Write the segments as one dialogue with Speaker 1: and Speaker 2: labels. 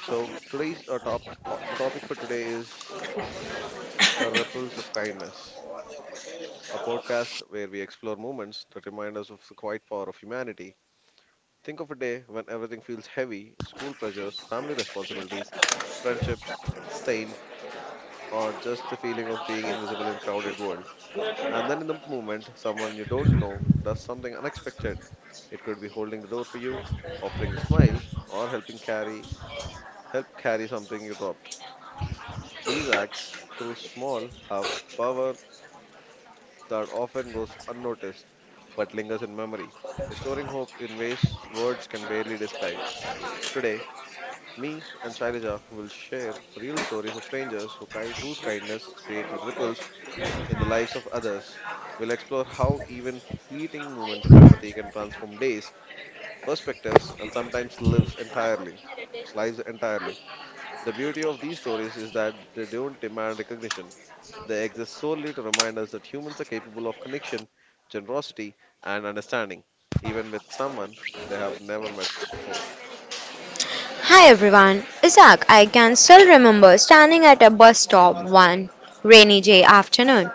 Speaker 1: So today's our topic today is ripples of kindness. A podcast where we explore moments that remind us of the quiet power of humanity. Think of a day when everything feels heavy, school pressures, stained, or just the feeling of a crowded world. And then in the moment, something unexpected. It could be holding the door for you or helping carry something you dropped. Through small power that often goes unnoticed but lingers in memory. Restoring hope in ways words can barely describe. Today, me and Shailaja will share real stories of whose kindness in the lives of others. We'll explore how even fleeting can transform days, perspective, sometimes entirely, lives entirely. The beauty of these stories is that they don't demand recognition. They exist solely to remind us that humans are capable of connection, generosity, and understanding, even with someone they have never met.
Speaker 2: Hi everyone, Isaac. I can still remember standing at a bus stop one rainy day afternoon,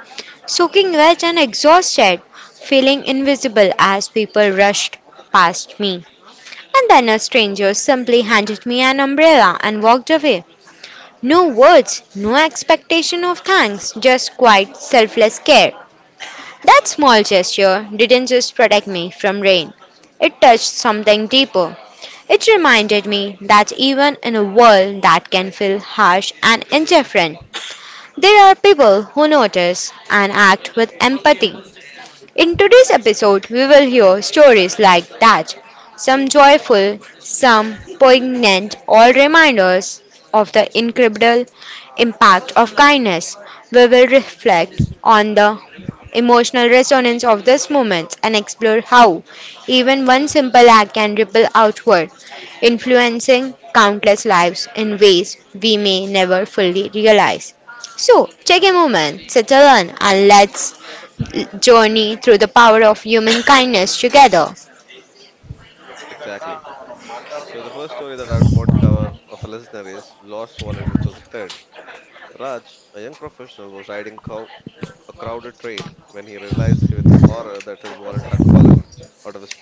Speaker 2: soaking wet and exhausted, feeling invisible as people rushed past me. And then a stranger simply handed me an umbrella and walked away. No words, no expectation of thanks, just quiet, selfless care. That small gesture didn't just protect me from rain, it touched something deeper. It reminded me that even in a world that can feel harsh and indifferent, there are people who notice and act with empathy. In today's episode, we will hear stories like that, some joyful, some poignant, all reminders of the incredible impact of kindness. We will reflect on the emotional resonance of this moment and explore how even one simple act can ripple outward, influencing countless lives in ways we may never fully realize. So, take a moment, settle in, and let's journey through the power of human kindness together.
Speaker 1: The story that I of a listener is Lost Third. Raj, a young professional, was riding a crowded train when he realized out of his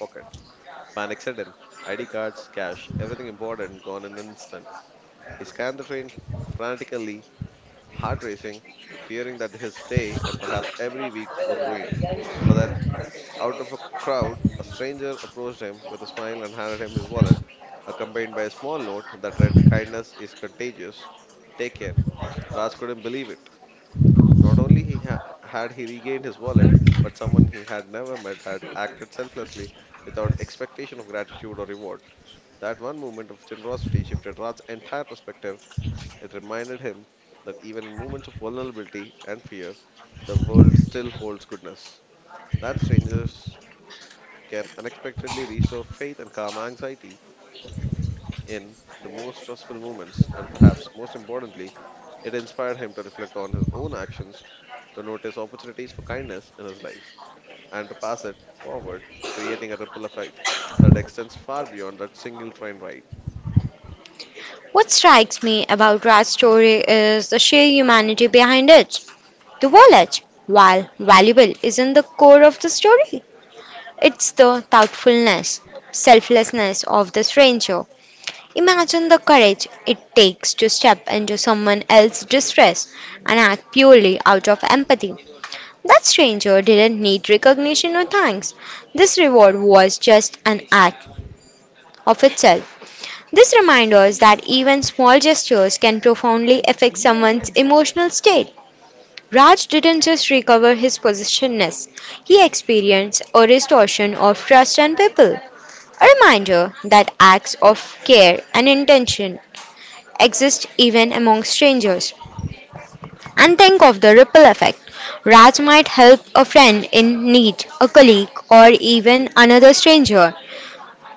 Speaker 1: panic sudden. ID cards, cash, everything important gone in an instant. He scanned the train frantically, heart racing, fearing that his every crowd. A stranger approached him with a smile and handed him his accompanied by a small note. Kindness is contagious. Take care. Raj couldn't believe it. Had he regained his wallet? He had never met had acted expectation of gratitude or reward. That one moment of generosity shifted Raj's entire perspective. It reminded him that even in moments of vulnerability and fear still holds goodness, can unexpectedly restore faith and calm anxiety in the most stressful moments. Most importantly, it inspired him to reflect on his own actions, to notice opportunities for kindness in his life, and to pass it forward, creating a ripple effect that extends far beyond that single train ride.
Speaker 2: What strikes me about Raj's story is the sheer humanity behind it. The wallet, while valuable, isn't the core of the story. It's the thoughtfulness, selflessness of the stranger. Imagine the courage it takes to step into someone else's distress and act purely out of empathy. That stranger didn't need recognition or thanks. This reward was just an act of itself. This reminds us that even small gestures can profoundly affect someone's emotional state. Raj didn't just recover his possessiveness, he experienced a restoration of trust and people. A reminder that acts of care and intention exist even among strangers. And think of the ripple effect. Raj might help a friend in need, a colleague, or even another stranger,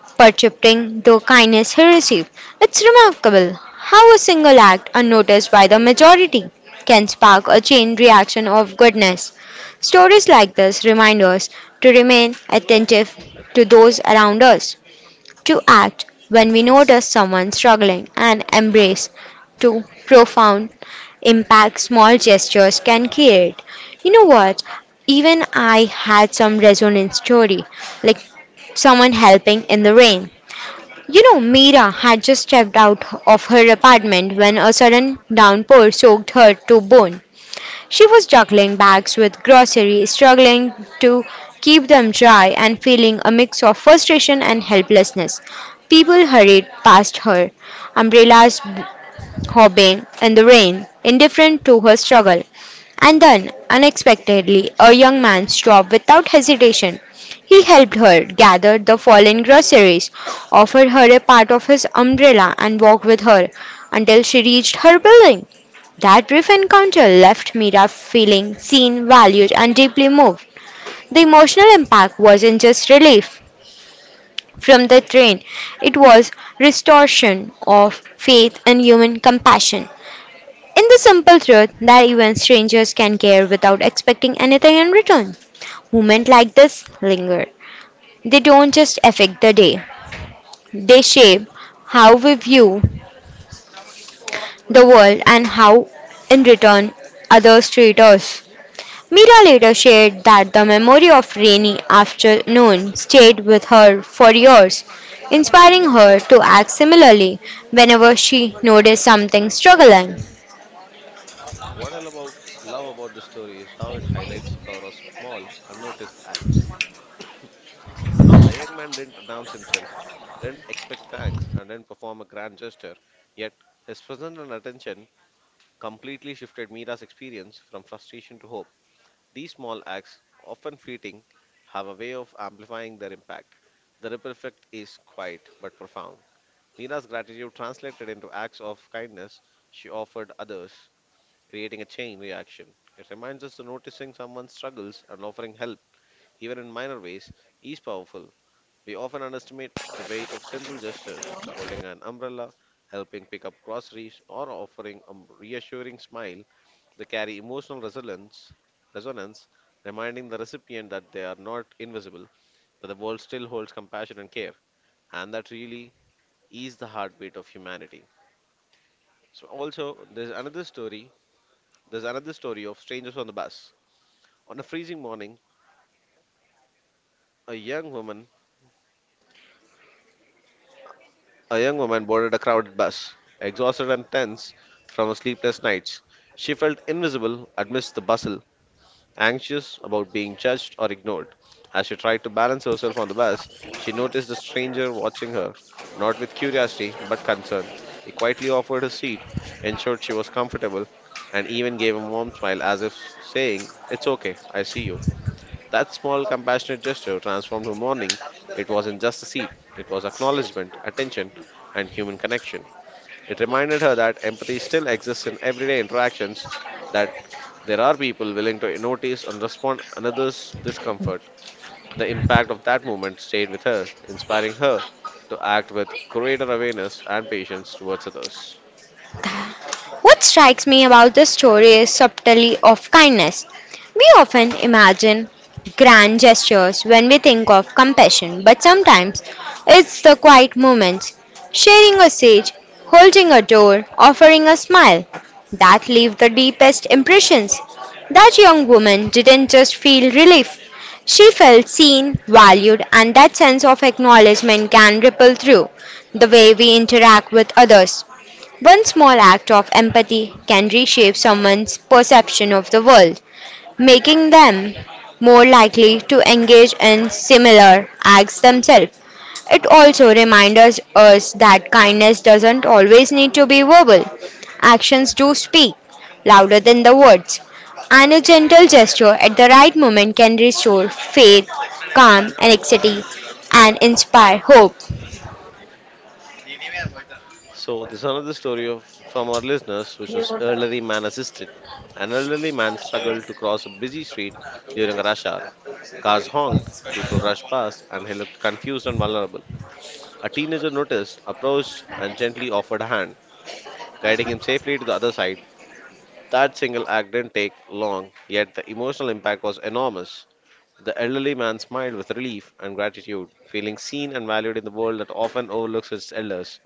Speaker 2: perpetuating the kindness he received. It's remarkable how a single act, unnoticed by the majority, can spark a chain reaction of goodness. Stories like this remind us to remain attentive to those around us to act when we notice someone struggling and embrace to profound impact small gestures can create. You know what? Even I had some resonance story, like someone helping in the rain Mira had just stepped out of her apartment when a sudden downpour soaked her to bone. She was juggling bags with groceries, struggling to keep them dry, and feeling a mix of frustration and helplessness. People hurried past her. Umbrellas hobbing in the rain, indifferent to her struggle. And then, unexpectedly, a young man stopped without hesitation. He helped her gather the fallen groceries, offered her a part of his umbrella, and walked with her until she reached her building. That brief encounter left Mira feeling seen, valued, and deeply moved. The emotional impact wasn't just relief from the train, it was restoration of faith in human compassion. In the simple truth that even strangers can care without expecting anything in return. Moments like this linger. They don't just affect the day, they shape how we view the world and how, in return, others treat us. Mira later shared that the memory of rainy afternoon stayed with her for years, inspiring her to act similarly whenever she noticed something struggling.
Speaker 1: What I love about this story is how it highlights the power of small, unnoticed acts. The young man didn't announce himself, didn't expect thanks, and didn't perform a grand gesture. Yet, his presence and attention completely shifted Mira's experience from frustration to hope. These small acts, often fleeting, have a way of amplifying their impact. The ripple effect is quiet but profound. Mira's gratitude translated into acts of kindness she offered others, creating a chain reaction. It reminds us that noticing someone's struggles and offering help, even in minor ways, is powerful. We often underestimate the weight of simple gestures, holding an umbrella, helping pick up groceries, or offering a reassuring smile. They carry emotional resonance, reminding the recipient that they are not invisible, that the world still holds compassion and care, and that really is the heartbeat of humanity. So also there's another story. There's another story of strangers on the bus. On a freezing morning, a young woman A young woman boarded a crowded bus, exhausted and tense from her sleepless nights. She felt invisible amidst the bustle, anxious about being judged or ignored. As she tried to balance herself on the bus, she noticed a stranger watching her, not with curiosity but concern. He quietly offered his seat, ensured she was comfortable, and even gave a warm smile as if saying, "It's okay, I see you." That small, compassionate gesture transformed her morning. It wasn't just a seat, it was acknowledgement, attention, and human connection. It reminded her that empathy still exists in everyday interactions, that there are people willing to notice and respond another's discomfort. The impact of that moment stayed with her, inspiring her to act with greater awareness and patience towards others.
Speaker 2: What strikes me about this story is subtlety of kindness. We often imagine grand gestures when we think of compassion, but sometimes it's the quiet moments, sharing a sage, holding a door, offering a smile, that leave the deepest impressions. That young woman didn't just feel relief. She felt seen, valued, and that sense of acknowledgement can ripple through the way we interact with others. One small act of empathy can reshape someone's perception of the world, making them more likely to engage in similar acts themselves. It also reminds us that kindness doesn't always need to be verbal. Actions do speak louder than the words, and a gentle gesture at the right moment can restore faith, calm, and anxiety, and inspire hope.
Speaker 1: So this is another story of from our listeners, which was elderly man assisted. An elderly man struggled to cross a busy street during a rush hour. Cars honked, people rushed past, and he looked confused and vulnerable. A teenager noticed, approached, and gently offered a hand, guiding him safely to the other side. That single act didn't take long, yet the emotional impact was enormous. The elderly man smiled with relief and gratitude, feeling seen and valued in the world that often overlooks its elders.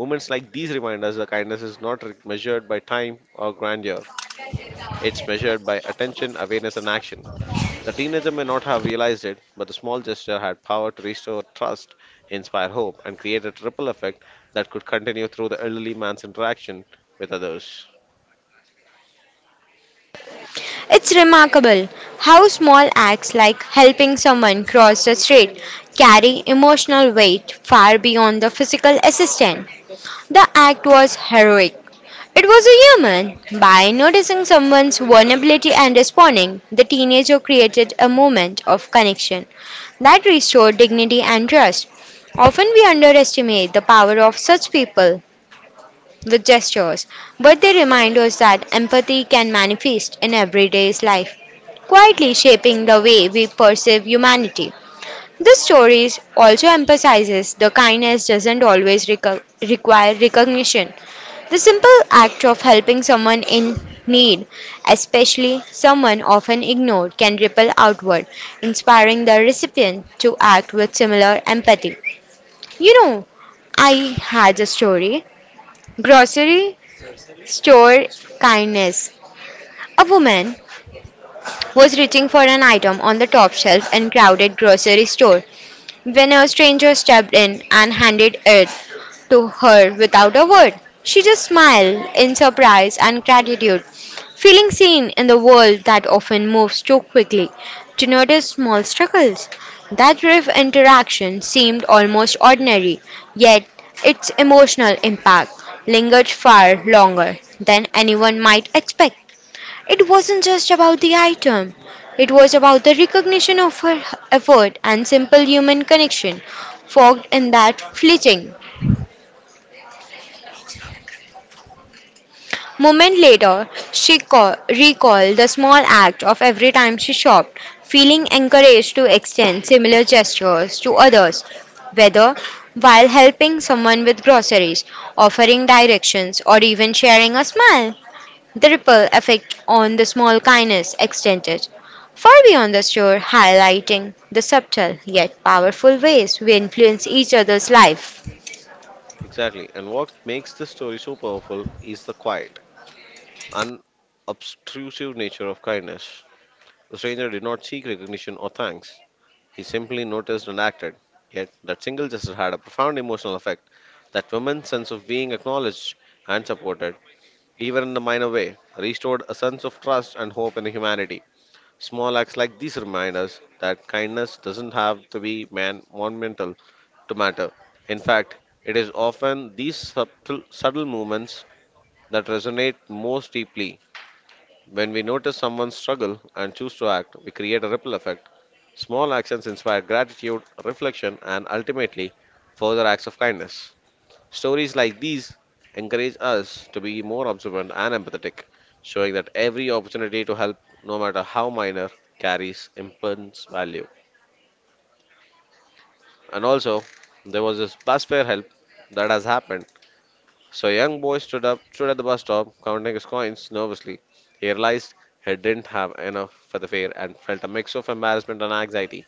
Speaker 1: Moments like these remind us that kindness is not measured by time or grandeur. It's measured by attention, awareness, and action. The teenager may not have realized it, but the small gesture had power to restore trust, inspire hope, and create a ripple effect that could continue through the elderly man's interaction with others.
Speaker 2: It's remarkable how small acts like helping someone cross the street carry emotional weight far beyond the physical assistance. The act was heroic. It was a human. By noticing someone's vulnerability and responding, the teenager created a moment of connection that restored dignity and trust. Often we underestimate the power of such people with gestures, but they remind us that empathy can manifest in everyday life, quietly shaping the way we perceive humanity. This story also emphasizes the kindness doesn't always require recognition. The simple act of helping someone in need, especially someone often ignored, can ripple outward, inspiring the recipient to act with similar empathy. You know, I had a story. Grocery Store kindness. A woman was reaching for an item on the top shelf in crowded grocery store when a stranger stepped in and handed it to her without a word. She just smiled in surprise and gratitude, feeling seen in the world that often moves too quickly to notice small struggles. That brief interaction seemed almost ordinary, yet its emotional impact lingered far longer than anyone might expect. It wasn't just about the item, it was about the recognition of her effort and simple human connection fogged in that fleeting moment later. She recalled the small act of every time she shopped, feeling encouraged to extend similar gestures to others, whether while helping someone with groceries, offering directions, or even sharing a smile. The ripple effect on the small kindness extended far beyond the shore, highlighting the subtle yet powerful ways we influence each other's life.
Speaker 1: Exactly. And what makes this story so powerful is the quiet, unobtrusive nature of kindness. The stranger did not seek recognition or thanks. He simply noticed and acted. Yet, that single gesture had a profound emotional effect. That woman's sense of being acknowledged and supported, even in a minor way, restored a sense of trust and hope in humanity. Small acts like these remind us that kindness doesn't have to be monumental to matter. In fact, it is often these subtle movements that resonate most deeply. When we notice someone's struggle and choose to act, we create a ripple effect. Small actions inspire gratitude, reflection, and ultimately further acts of kindness. Stories like these encourage us to be more observant and empathetic, showing that every opportunity to help, no matter how minor, carries immense value. And also, there was this bus fare help that has happened. So, a young boy stood at the bus stop, counting his coins nervously. He realized he didn't have enough for the fare and felt a mix of embarrassment and anxiety.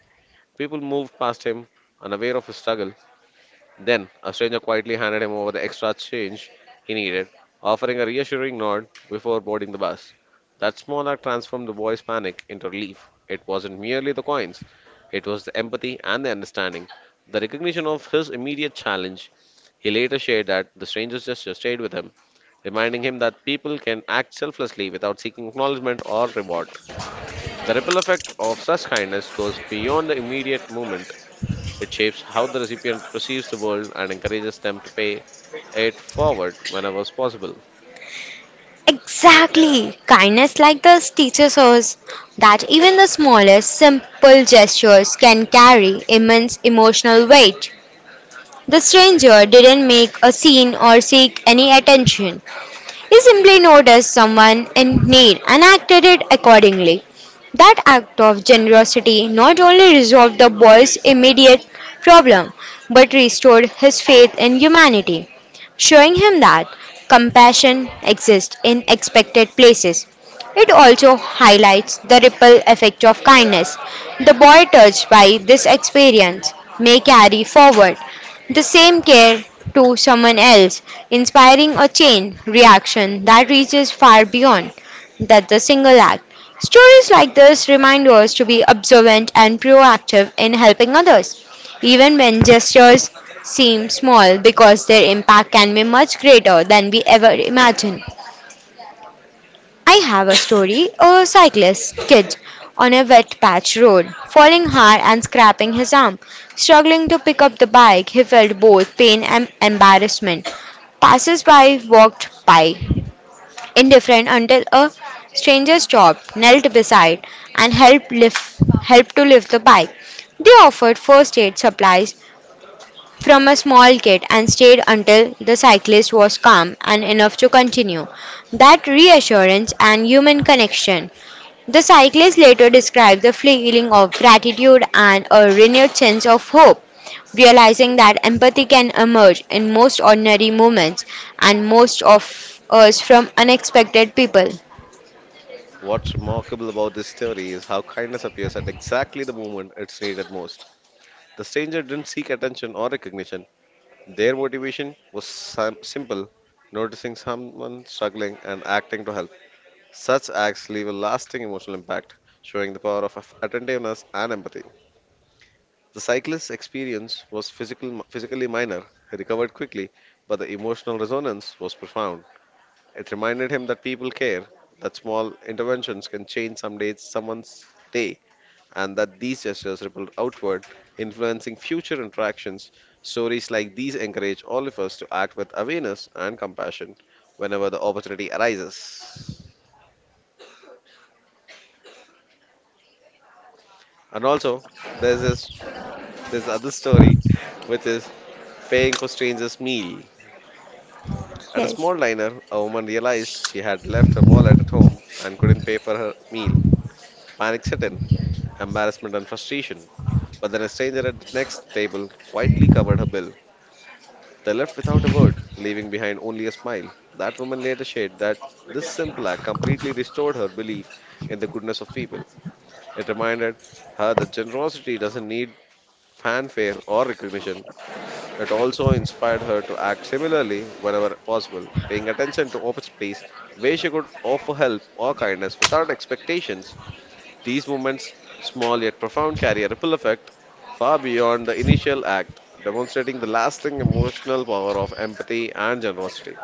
Speaker 1: People moved past him, unaware of his struggle. Then a stranger quietly handed him over the extra change he needed, offering a reassuring nod before boarding the bus. That small act transformed the boy's panic into relief. It wasn't merely the coins, it was the empathy and the understanding. The recognition of his immediate challenge, he later shared that the stranger's gesture stayed with him, reminding him that people can act selflessly without seeking acknowledgement or reward. The ripple effect of such kindness goes beyond the immediate moment. It shapes how the recipient perceives the world and encourages them to pay it forward whenever is possible.
Speaker 2: Exactly! Kindness like this teaches us that even the smallest, simple gestures can carry immense emotional weight. The stranger didn't make a scene or seek any attention. He simply noticed someone in need and acted it accordingly. That act of generosity not only resolved the boy's immediate problem but restored his faith in humanity, showing him that compassion exists in expected places it also highlights the ripple effect of kindness. The boy touched by this experience may carry forward the same care to someone else, inspiring a chain reaction that reaches far beyond that the single act. Stories like this remind us to be observant and proactive in helping others, even when gestures seem small because their impact can be much greater than we ever imagine. I have a story. A cyclist kid on a wet patch road, falling hard and scraping his arm. Struggling to pick up the bike, he felt both pain and embarrassment. Passers-by walked by, indifferent, until a stranger stopped, knelt beside, and helped to lift the bike. They offered first aid supplies from a small kid and stayed until the cyclist was calm and enough to continue. That reassurance and human connection. The cyclist later described the feeling of gratitude and a renewed sense of hope, realizing that empathy can emerge in most ordinary moments and most of us from unexpected people.
Speaker 1: What's remarkable about this theory is how kindness appears at exactly the moment it's needed most. The stranger didn't seek attention or recognition. Their motivation was simple, noticing someone struggling and acting to help. Such acts leave a lasting emotional impact, showing the power of attentiveness and empathy. The cyclist's experience was physically minor. He recovered quickly, but the emotional resonance was profound. It reminded him that people care, that small interventions can change someone's day, and that these gestures ripple outward, influencing future interactions. Stories like these encourage all of us to act with awareness and compassion whenever the opportunity arises. And also, there's this there's other story, which is paying for strangers' meal. At a
Speaker 2: Yes.
Speaker 1: small diner, a woman realized she had left her wallet at home and couldn't pay for her meal. Panic set in, embarrassment and frustration. But then a stranger at the next table quietly covered her bill. They left without a word, leaving behind only a smile. That woman later shared that this simple act completely restored her belief in the goodness of people. It reminded her that generosity doesn't need fanfare or recognition. It also inspired her to act similarly whenever possible, paying attention to opportunities where she could offer help or kindness without expectations. These movements, small yet profound, carry a ripple effect far beyond the initial act, demonstrating the lasting emotional power of empathy and generosity.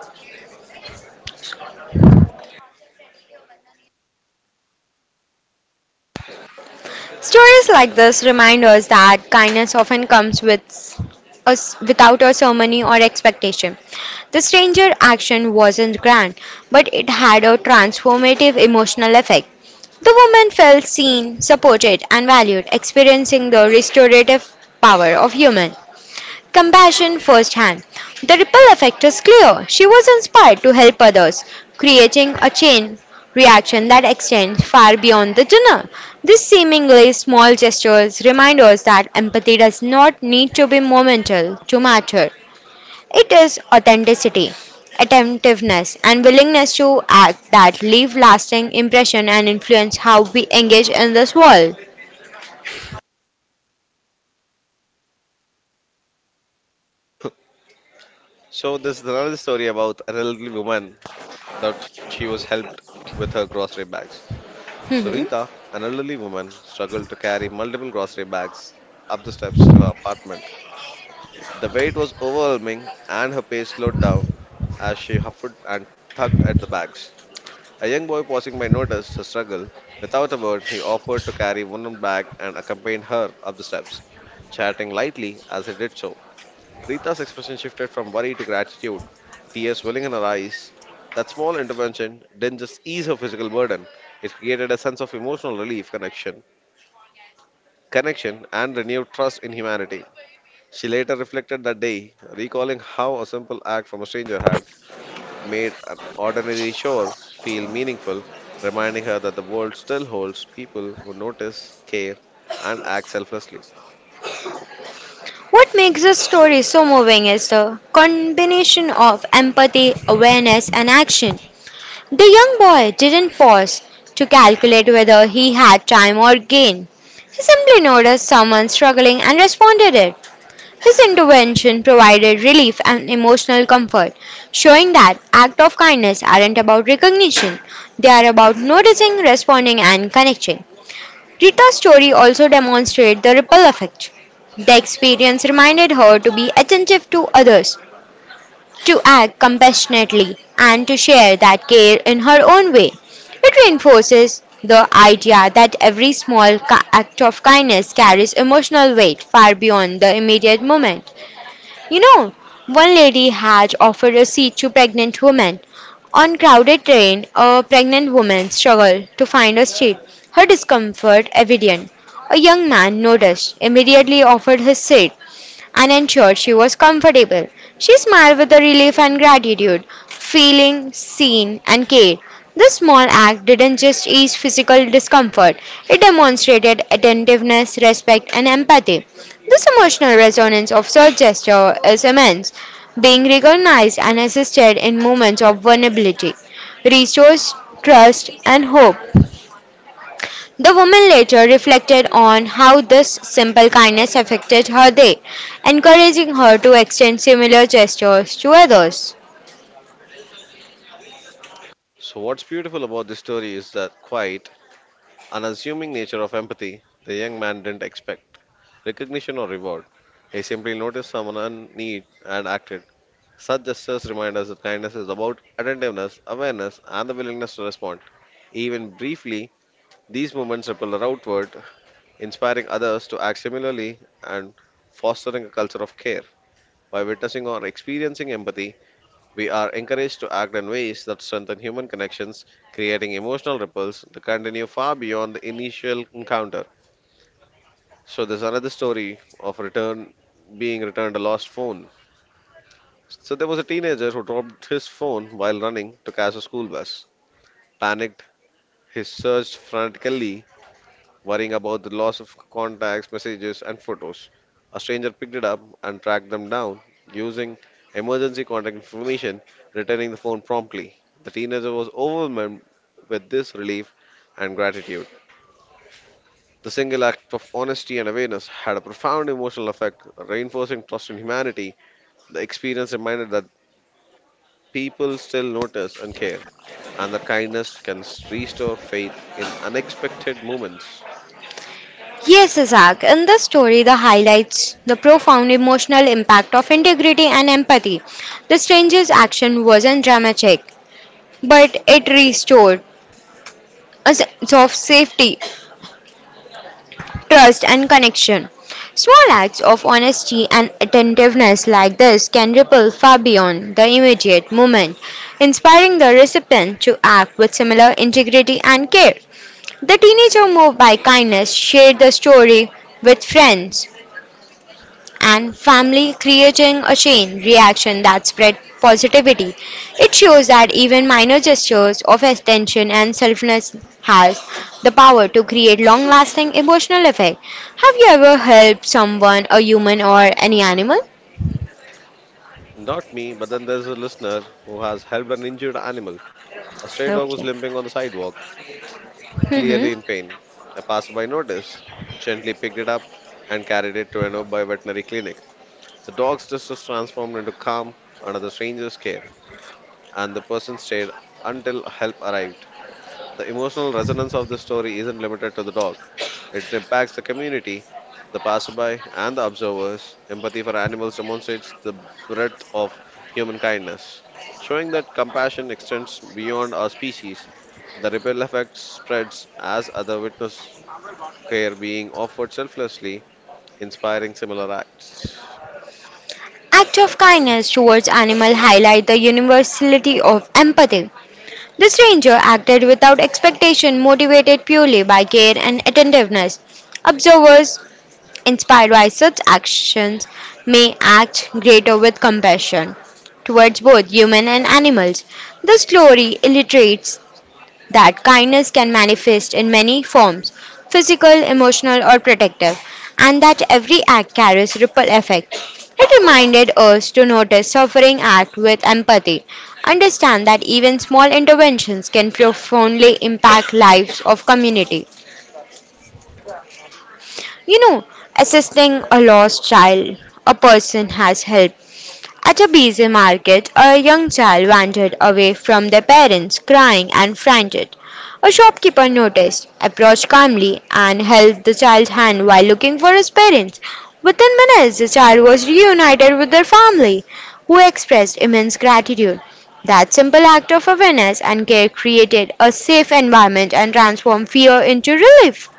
Speaker 2: Stories like this remind us that kindness often comes with us without a ceremony or expectation. The stranger action wasn't grand, but it had a transformative emotional effect. The woman felt seen, supported, and valued, experiencing the restorative power of human compassion firsthand. The ripple effect is clear. She was inspired to help others, creating a chain reaction that extends far beyond the dinner. These seemingly small gestures remind us that empathy does not need to be monumental to matter. It is authenticity, attentiveness, and willingness to act that leave lasting impression and influence how we engage in this world.
Speaker 1: So, this is another story about an elderly woman that she was helped with her grocery bags. So,
Speaker 2: Mhm.
Speaker 1: Rita, an elderly woman, struggled to carry multiple grocery bags up the steps to her apartment. The weight was overwhelming, and her pace slowed as she huffed and puffed the bags. A young boy passing by noticed her struggle. Without a word, he offered to carry one bag and accompanied her up the steps, chatting lightly as he did so. Rita's expression shifted from worry to gratitude, tears welling in her eyes. That small intervention didn't just ease her physical burden, it created a sense of emotional relief, connection, and renewed trust in humanity. She later reflected that day, recalling how a simple act from a stranger had made an ordinary shore feel meaningful, reminding her that the world still holds people who notice, care, and act selflessly.
Speaker 2: What makes this story so moving is the combination of empathy, awareness, and action. The young boy didn't pause to calculate whether he had time or gain. He simply noticed someone struggling and responded it. His intervention provided relief and emotional comfort, showing that acts of kindness aren't about recognition, they are about noticing, responding, and connecting. Rita's story also demonstrates the ripple effect. The experience reminded her to be attentive to others, to act compassionately, and to share that care in her own way. It reinforces the idea that every small act of kindness carries emotional weight far beyond the immediate moment. You know, one lady had offered a seat to pregnant women. On crowded train, a pregnant woman struggled to find a seat, her discomfort evident. A young man noticed, immediately offered his seat and ensured she was comfortable. She smiled with a relief and gratitude, feeling seen and cared. This small act didn't just ease physical discomfort, it demonstrated attentiveness, respect, and empathy. This emotional resonance of such gesture is immense, being recognized and assisted in moments of vulnerability restores trust and hope. The woman later reflected on how this simple kindness affected her day, encouraging her to extend similar gestures to others.
Speaker 1: So, what's beautiful about this story is that quite unassuming nature of empathy the young man didn't expect recognition or reward. He simply noticed someone in need and acted. Such gestures remind us that kindness is about attentiveness, awareness, and the willingness to respond. Even briefly, these moments ripple outward, inspiring others to act similarly, and fostering a culture of care. By witnessing or experiencing empathy, we are encouraged to act in ways that strengthen human connections, creating emotional ripples that continue far beyond the initial encounter. So there's another story of return being returned a lost phone. So there was a teenager who dropped his phone while running to catch a school bus. Panicked, he searched frantically worrying about the loss of contacts, messages, and photos. A stranger picked it up and tracked them down using emergency contact information, returning the phone promptly. The teenager was overwhelmed with this relief and gratitude. The single act of honesty and awareness had a profound emotional effect, reinforcing trust in humanity. The experience reminded that people still notice and care, and that kindness can restore faith in unexpected moments.
Speaker 2: Yes, Isaac, in this story, the highlights the profound emotional impact of integrity and empathy. The stranger's action wasn't dramatic, but it restored a sense of safety trust, and connection. Small acts of honesty and attentiveness like this can ripple far beyond the immediate moment, inspiring the recipient to act with similar integrity and care. The teenager moved by kindness shared the story with friends and family, creating a chain reaction that spread positivity. It shows that even minor gestures of attention and selflessness has the power to create long-lasting emotional effect. Have you ever helped someone, a human or any animal?
Speaker 1: Not me, but then there's a listener who has helped an injured animal. A stray dog was
Speaker 2: Okay.
Speaker 1: limping on the sidewalk,
Speaker 2: hmm
Speaker 1: clearly in pain. A passerby noticed, gently picked it up, and carried it to a nearby veterinary clinic. The dog's distress transformed into calm under the stranger's care, and the person stayed until help arrived. The emotional resonance of this story isn't limited to the dog, it impacts the community the passerby, and the observers, empathy for animals demonstrates the breadth of human kindness, showing that compassion extends beyond our species. The ripple effect spreads as other witness care being offered selflessly, inspiring similar acts.
Speaker 2: Act of kindness towards animal highlight the universality of empathy. The stranger acted without expectation, motivated purely by care and attentiveness. Observers inspired by such actions, may act greater with compassion towards both human and animals. The story illustrates that kindness can manifest in many forms physical, emotional, or protective, and that every act carries ripple effect. It reminded us to notice suffering, act with empathy, understand that even small interventions can profoundly impact lives of community. You know, assisting a lost child, a person has helped. At a busy market, a young child wandered away from their parents, crying and frantic. A shopkeeper noticed, approached calmly, and held the child's hand while looking for his parents. Within minutes, the child was reunited with their family, who expressed immense gratitude. That simple act of awareness and care created a safe environment and transformed fear into relief.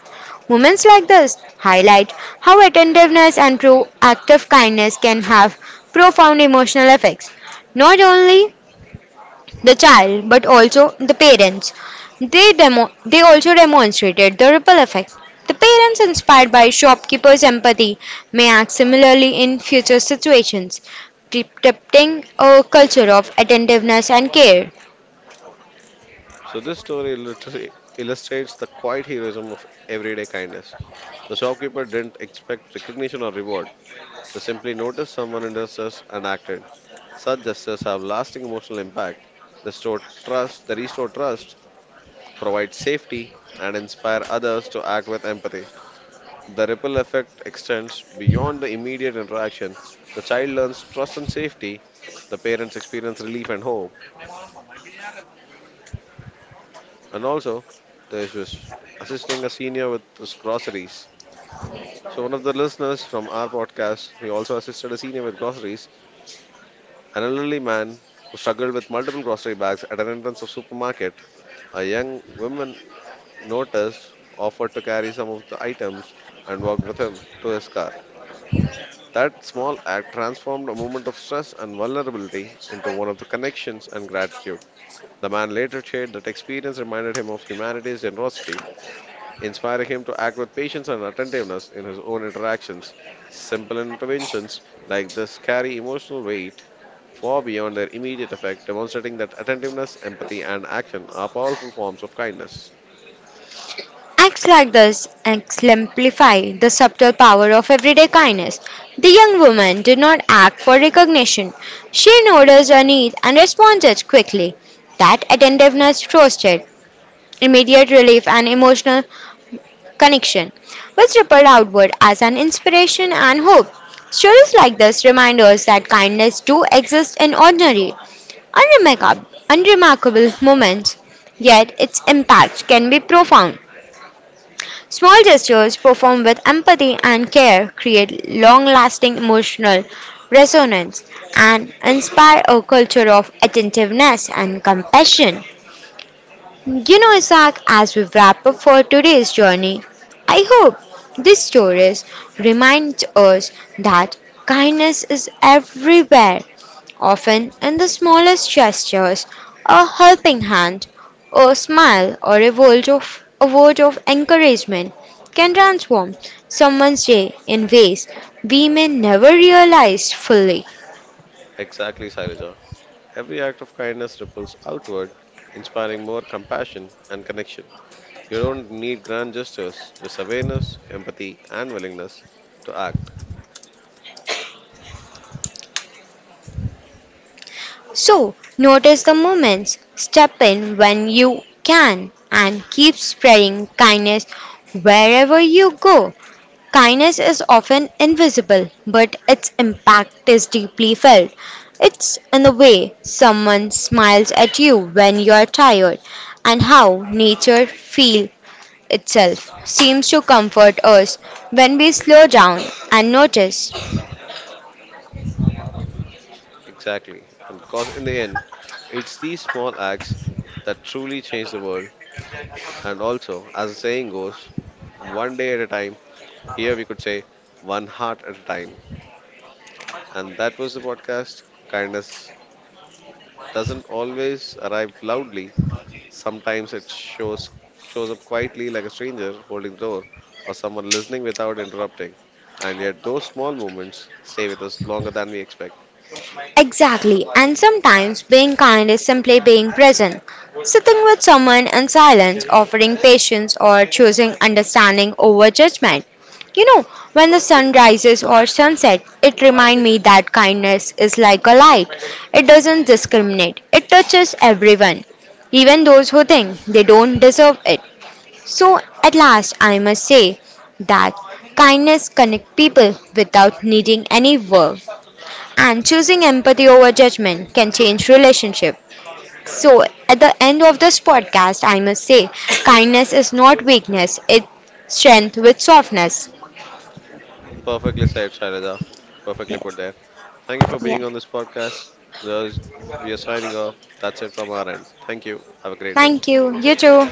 Speaker 2: Moments like this highlight how attentiveness and proactive kindness can have profound emotional effects, not only the child but also the parents. They also demonstrated the ripple effect. The parents inspired by shopkeepers' empathy may act similarly in future situations, protecting a culture of attentiveness and care.
Speaker 1: So, this story literally illustrates the quiet heroism of everyday kindness. The shopkeeper didn't expect recognition or reward, they simply noticed someone in distress and acted. Such gestures have lasting emotional impact. The store trust, the restore trust, provides safety and inspire others to act with empathy. The ripple effect extends beyond the immediate interaction. The child learns trust and safety. The parents experience relief and hope. And also, there's just assisting a senior with his groceries. So one of the listeners from our podcast, he also assisted a senior with groceries, an elderly man who struggled with multiple grocery bags at an entrance of supermarket. A young woman noticed, offered to carry some of the items, and walked with him to his car. That small act transformed a moment of stress and vulnerability into one of the connections and gratitude. The man later shared that experience reminded him of humanity's generosity, inspiring him to act with patience and attentiveness in his own interactions. Simple interventions like this carry emotional weight far beyond their immediate effect, demonstrating that attentiveness, empathy, and action are powerful forms of kindness.
Speaker 2: Acts like this exemplify the subtle power of everyday kindness. The young woman did not act for recognition. She noticed a need and responded quickly. That attentiveness fostered immediate relief, and emotional connection, which rippled outward as an inspiration and hope. Stories like this remind us that kindness do exist in ordinary, unremarkable moments, yet its impact can be profound. Small gestures performed with empathy and care create long lasting emotional resonance and inspire a culture of attentiveness and compassion. You know, Isaac, as we wrap up for today's journey, I hope these stories remind us that kindness is everywhere, often in the smallest gestures, a helping hand, a smile, or a word of encouragement can transform someone's day in ways we may never realize fully.
Speaker 1: Exactly, Sailaja. Every act of kindness ripples outward, inspiring more compassion and connection. You don't need grand gestures, just awareness, empathy, and willingness to act.
Speaker 2: So, notice the moments, step in when you can, and keep spreading kindness wherever you go. Kindness is often invisible, but its impact is deeply felt. It's in the way someone smiles at you when you are tired, and how nature feels itself seems to comfort us when we slow down and notice.
Speaker 1: Exactly. And because in the end, it's these small acts that truly change the world. And also, as the saying goes, one day at a time, here we could say, one heart at a time. And that was the podcast. Kindness doesn't always arrive loudly, sometimes it shows up quietly like a stranger holding the door or someone listening without interrupting. And yet, those small moments stay with us longer than we expect.
Speaker 2: Exactly, and sometimes being kind is simply being present, sitting with someone in silence, offering patience, or choosing understanding over judgment. You know, when the sun rises or sunset, it reminds me that kindness is like a light. It doesn't discriminate. It touches everyone, even those who think they don't deserve it. So at last, I must say that kindness connects people without needing any work. And choosing empathy over judgment can change relationship. So at the end of this podcast, I must say, kindness is not weakness; it's strength with softness.
Speaker 1: Perfectly said, Shailaja. Perfectly put
Speaker 2: Yes.
Speaker 1: there.
Speaker 2: Yeah.
Speaker 1: Being on this podcast, thus we are signing off from our end. Thank you. Have a great day.
Speaker 2: Thank you. You too.